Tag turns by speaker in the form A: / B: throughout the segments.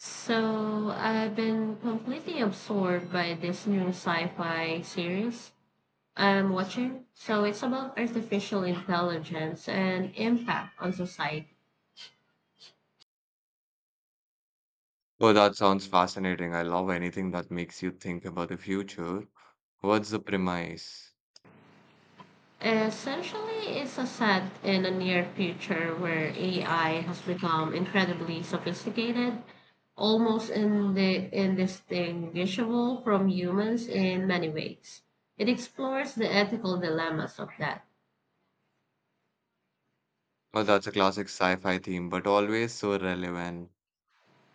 A: So I've been completely absorbed by this new sci-fi series I'm watching. So it's about artificial intelligence and impact on society.
B: Oh, that sounds fascinating. I love anything that makes you think about the future. What's the premise?
A: Essentially, it's a set in a near future where AI has become incredibly sophisticated, almost indistinguishable from humans in many ways. It explores the ethical dilemmas of that.
B: Oh, that's a classic sci-fi theme, but always so relevant.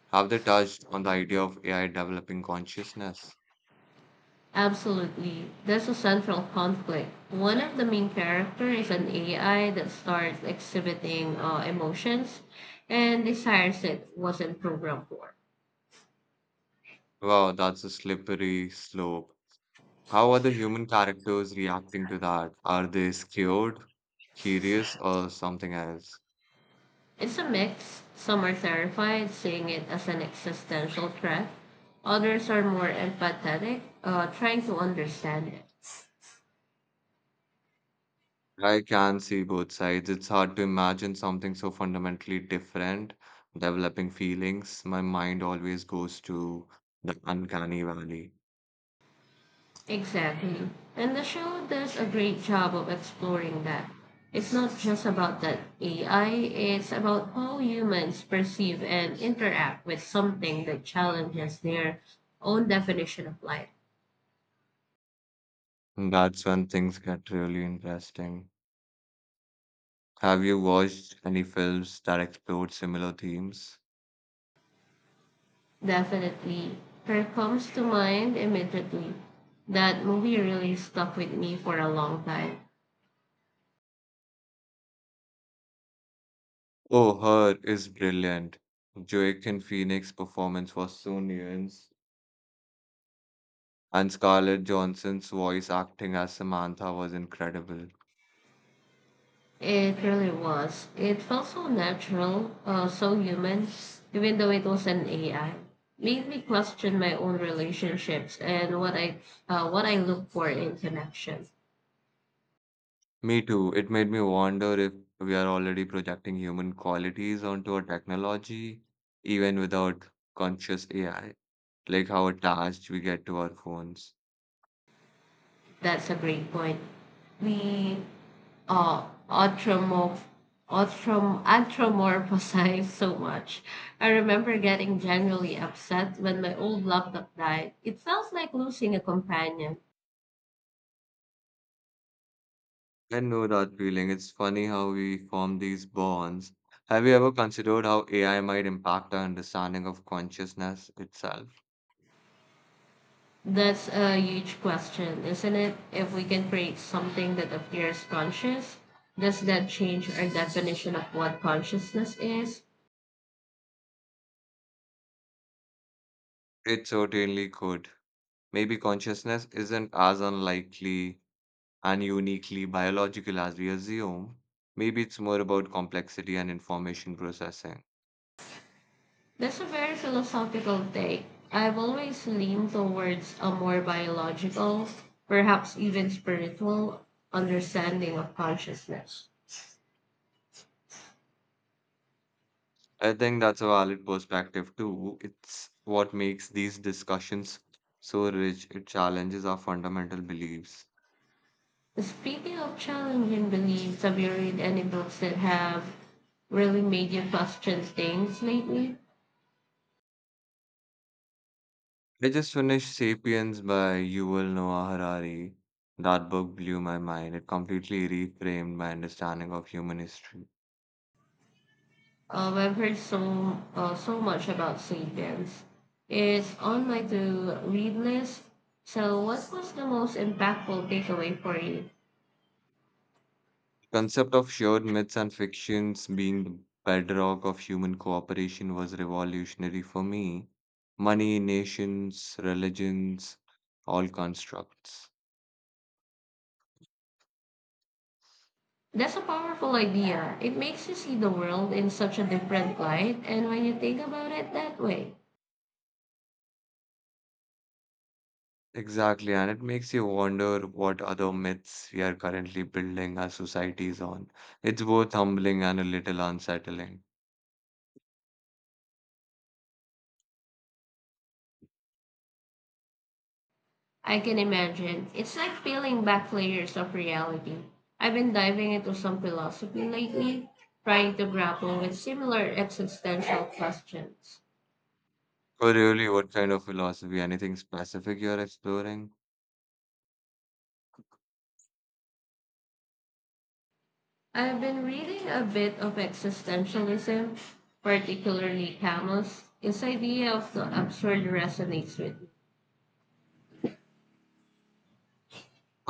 B: Have they touched on the idea of AI developing consciousness?
A: Absolutely. That's a central conflict. One of the main character is an AI that starts exhibiting emotions and desires it wasn't programmed for.
B: Wow, that's a slippery slope. How are the human characters reacting to that? Are they scared, curious, or something else?
A: It's a mix. Some are terrified, seeing it as an existential threat. Others are more empathetic, trying to understand it.
B: I can see both sides. It's hard to imagine something so fundamentally different, developing feelings. My mind always goes to the uncanny valley.
A: Exactly. And the show does a great job of exploring that. It's not just about that AI, it's about how humans perceive and interact with something that challenges their own definition of life.
B: That's when things get really interesting. Have you watched any films that explore similar themes?
A: Definitely. Her comes to mind immediately. That movie really stuck with me for a long time.
B: Oh, Her is brilliant. Joaquin Phoenix's performance was so nuanced, and Scarlett Johansson's voice acting as Samantha was incredible.
A: It really was. It felt so natural, so human, even though it was an AI. Made me question my own relationships and what I look for in connection.
B: Me too. It made me wonder if we are already projecting human qualities onto our technology, even without conscious AI, like how attached we get to our phones.
A: That's a great point. We uh, anthromo- anthropomorphize so much. I remember getting genuinely upset when my old laptop died. It felt like losing a companion.
B: I know that feeling. It's funny how we form these bonds. Have you ever considered how AI might impact our understanding of consciousness itself?
A: That's a huge question, isn't it? If we can create something that appears conscious, does that change our definition of what consciousness is?
B: It certainly could. Maybe consciousness isn't as unlikely and uniquely biological as we assume, maybe it's more about complexity and information processing.
A: That's a very philosophical take. I've always leaned towards a more biological, perhaps even spiritual, understanding of consciousness.
B: I think that's a valid perspective too. It's what makes these discussions so rich. It challenges our fundamental beliefs.
A: Speaking of challenging beliefs, have you read any books that have really made you question things lately?
B: I just finished Sapiens by Yuval Noah Harari. That book blew my mind. It completely reframed my understanding of human history.
A: I've heard so much about Sapiens. It's on my to read list. So, what was the most impactful takeaway for you?
B: Concept of shared myths and fictions being the bedrock of human cooperation was revolutionary for me. Money, nations, religions, all constructs.
A: That's a powerful idea. It makes you see the world in such a different light, and when you think about it that way,
B: Exactly, and it makes you wonder what other myths we are currently building our societies on. It's both humbling and a little unsettling.
A: I can imagine it's like peeling back layers of reality. I've been diving into some philosophy lately, trying to grapple with similar existential questions.
B: So, really, what kind of philosophy? Anything specific you're exploring?
A: I've been reading a bit of existentialism, particularly Camus. His idea of the absurd resonates with me.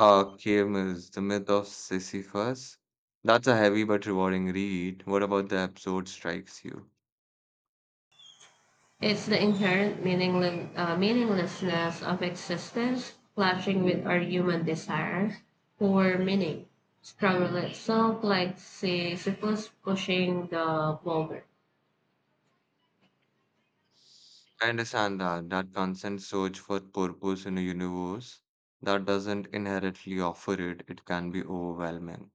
B: Archimedes, The Myth of Sisyphus. That's a heavy but rewarding read. What about the episode strikes you?
A: It's the inherent meaninglessness of existence, clashing with our human desire for meaning. Struggle itself, like Sisyphus pushing the boulder.
B: I understand that, that constant search for purpose in a universe that doesn't inherently offer it, it can be overwhelming.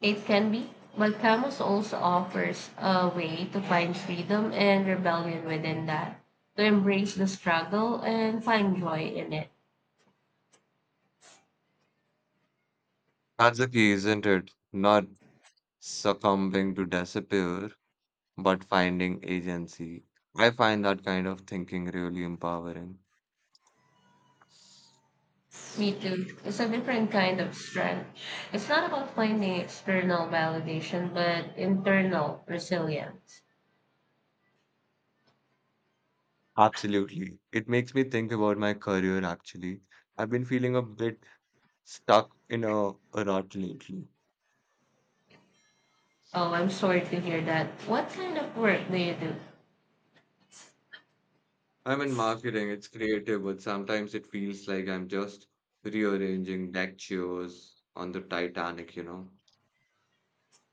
A: It can be, but Camus also offers a way to find freedom and rebellion within that, to embrace the struggle and find joy in it.
B: That's the key, isn't it? Not succumbing to despair, but finding agency. I find that kind of thinking really empowering.
A: Me too. It's a different kind of strength. It's not about finding external validation, but internal resilience.
B: Absolutely. It makes me think about my career actually. I've been feeling a bit stuck in a rut lately.
A: Oh, I'm sorry to hear that. What kind of work do you do?
B: I'm in marketing, it's creative, but sometimes it feels like I'm just rearranging deck chairs on the Titanic,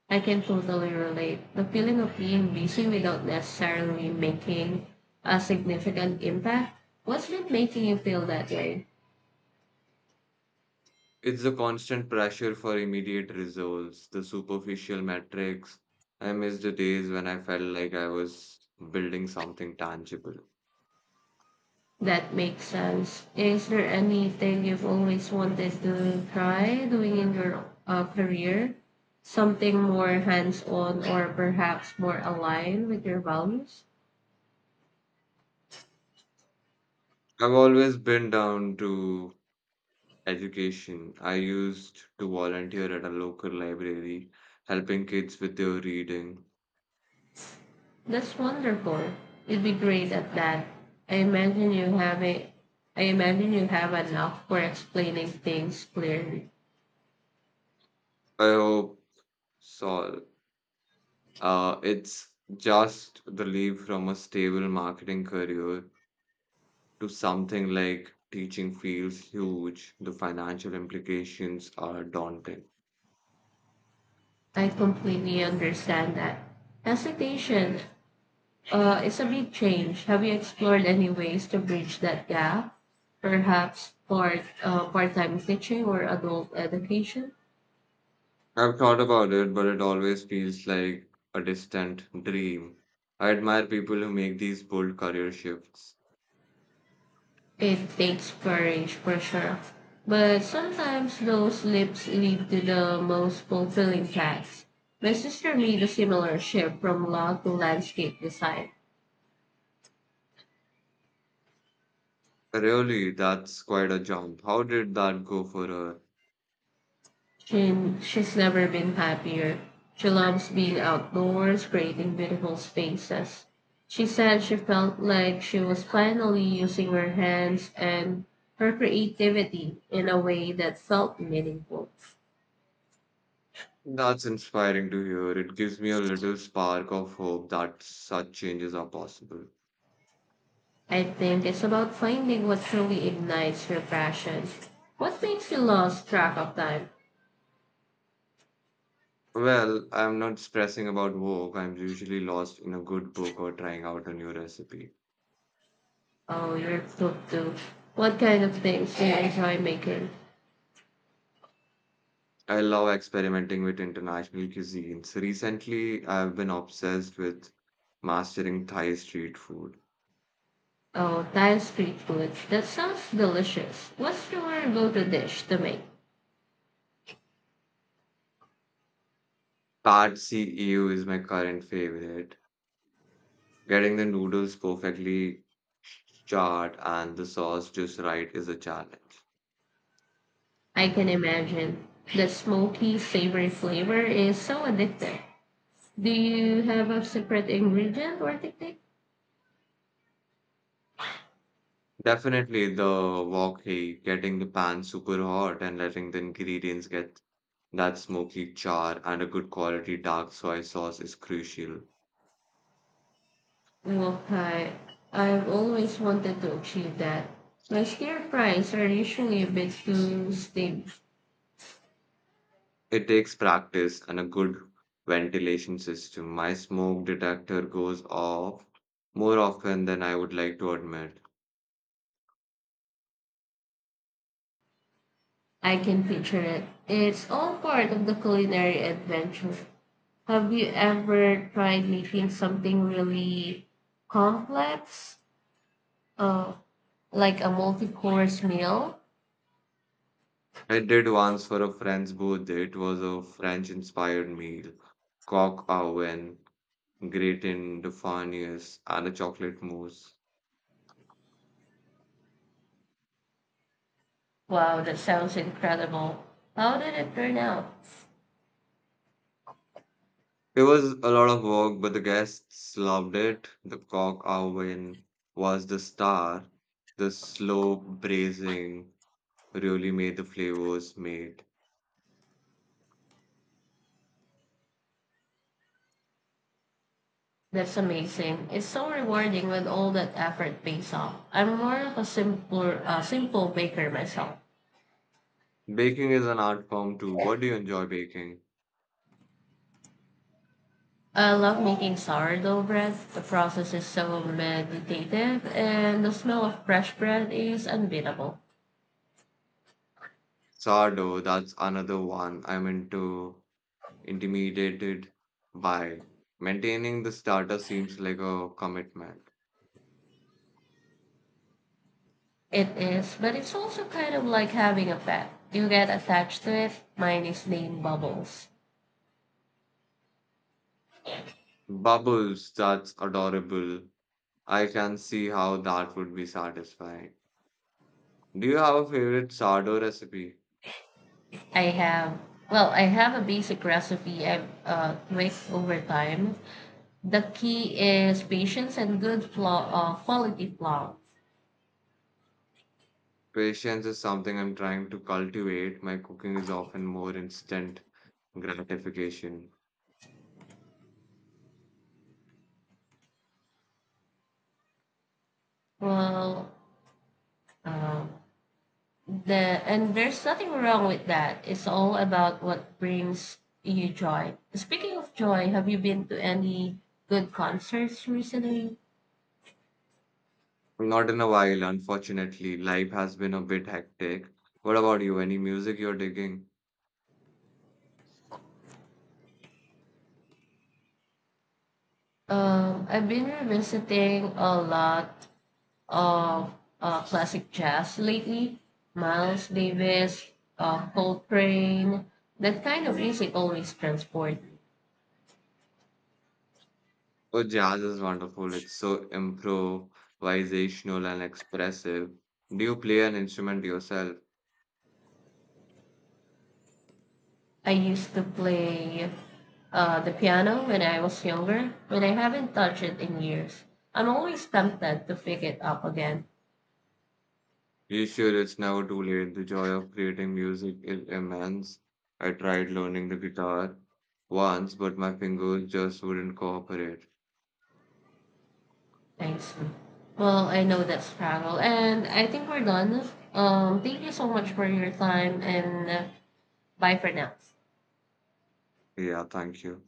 A: I can totally relate. The feeling of being busy without necessarily making a significant impact. What's been making you feel that way?
B: It's the constant pressure for immediate results, the superficial metrics. I miss the days when I felt like I was building something tangible.
A: That makes sense. Is there anything you've always wanted to try doing in your career? Something more hands on or perhaps more aligned with your values?
B: I've always been down to education. I used to volunteer at a local library, helping kids with their reading.
A: That's wonderful. You'd be great at that. I imagine you have a I imagine you have enough for explaining things clearly.
B: I hope Sol. It's just the leap from a stable marketing career to something like teaching feels huge. The financial implications are daunting.
A: I completely understand that. Hesitation. It's a big change. Have you explored any ways to bridge that gap? Perhaps part-time teaching or adult education?
B: I've thought about it, but it always feels like a distant dream. I admire people who make these bold career shifts.
A: It takes courage for sure. But sometimes those slips lead to the most fulfilling paths. My sister made a similar shift from law to landscape design.
B: Really, that's quite a jump. How did that go for her?
A: She, she's never been happier. She loves being outdoors, creating beautiful spaces. She said she felt like she was finally using her hands and her creativity in a way that felt meaningful.
B: That's inspiring to hear. It gives me a little spark of hope that such changes are possible.
A: I think it's about finding what truly ignites your passion. What makes you lose track of time?
B: Well, I'm not stressing about work. I'm usually lost in a good book or trying out a new recipe.
A: Oh, you're cooked too. What kind of things do you enjoy making?
B: I love experimenting with international cuisines. Recently, I've been obsessed with mastering Thai street food.
A: Oh, Thai street food. That sounds delicious. What's your go-to dish to make?
B: Pad See Ew is my current favorite. Getting the noodles perfectly charred and the sauce just right is a challenge.
A: I can imagine the smoky, savory flavor is so addictive. Do you have a secret ingredient or technique?
B: Definitely the wok hei, getting the pan super hot and letting the ingredients get that smoky char, and a good quality dark soy sauce is crucial.
A: Okay, I've always wanted to achieve that. My stir fries are usually a bit too steamed.
B: It takes practice and a good ventilation system. My smoke detector goes off more often than I would like to admit.
A: I can picture it. It's all part of the culinary adventure. Have you ever tried making something really complex, uh, like a multi-course meal?
B: I did once for a friend's birthday. It was a French-inspired meal, coq au vin, gratin de farnies, and a chocolate mousse.
A: Wow, that sounds incredible. How did it turn out?
B: It was a lot of work, but the guests loved it. The cock oven was the star. The slow braising really made the flavors made.
A: That's amazing. It's so rewarding when all that effort pays off. I'm more of a simple baker myself.
B: Baking is an art form too. What do you enjoy baking?
A: I love making sourdough bread. The process is so meditative, and the smell of fresh bread is unbeatable.
B: Sourdough, that's another one I'm into, intimidated by. Maintaining the starter seems like a commitment.
A: It is, but it's also kind of like having a pet. You get attached to it. Mine is named Bubbles.
B: Bubbles, that's adorable. I can see how that would be satisfying. Do you have a favorite sourdough recipe?
A: I have, I have a basic recipe I've tweaked over time. The key is patience and good quality flour.
B: Patience is something I'm trying to cultivate. My cooking is often more instant gratification.
A: Well, uh, there's nothing wrong with that. It's all about what brings you joy. Speaking of joy, have you been to any good concerts recently?
B: Not in a while, unfortunately. Life has been a bit hectic. What about you? Any music you're digging?
A: I've been revisiting a lot of classic jazz lately. Miles Davis, Coltrane. That kind of music always transport.
B: Oh, jazz is wonderful. It's so improvisational and expressive. Do you play an instrument yourself?
A: I used to play the piano when I was younger, but I haven't touched it in years. I'm always tempted to pick it up again.
B: You sure it's never too late? The joy of creating music is immense. I tried learning the guitar once, but my fingers just wouldn't cooperate.
A: Thanks. Well, I know that struggle, and I think we're done. Thank you so much for your time, and bye for now.
B: Yeah, thank you.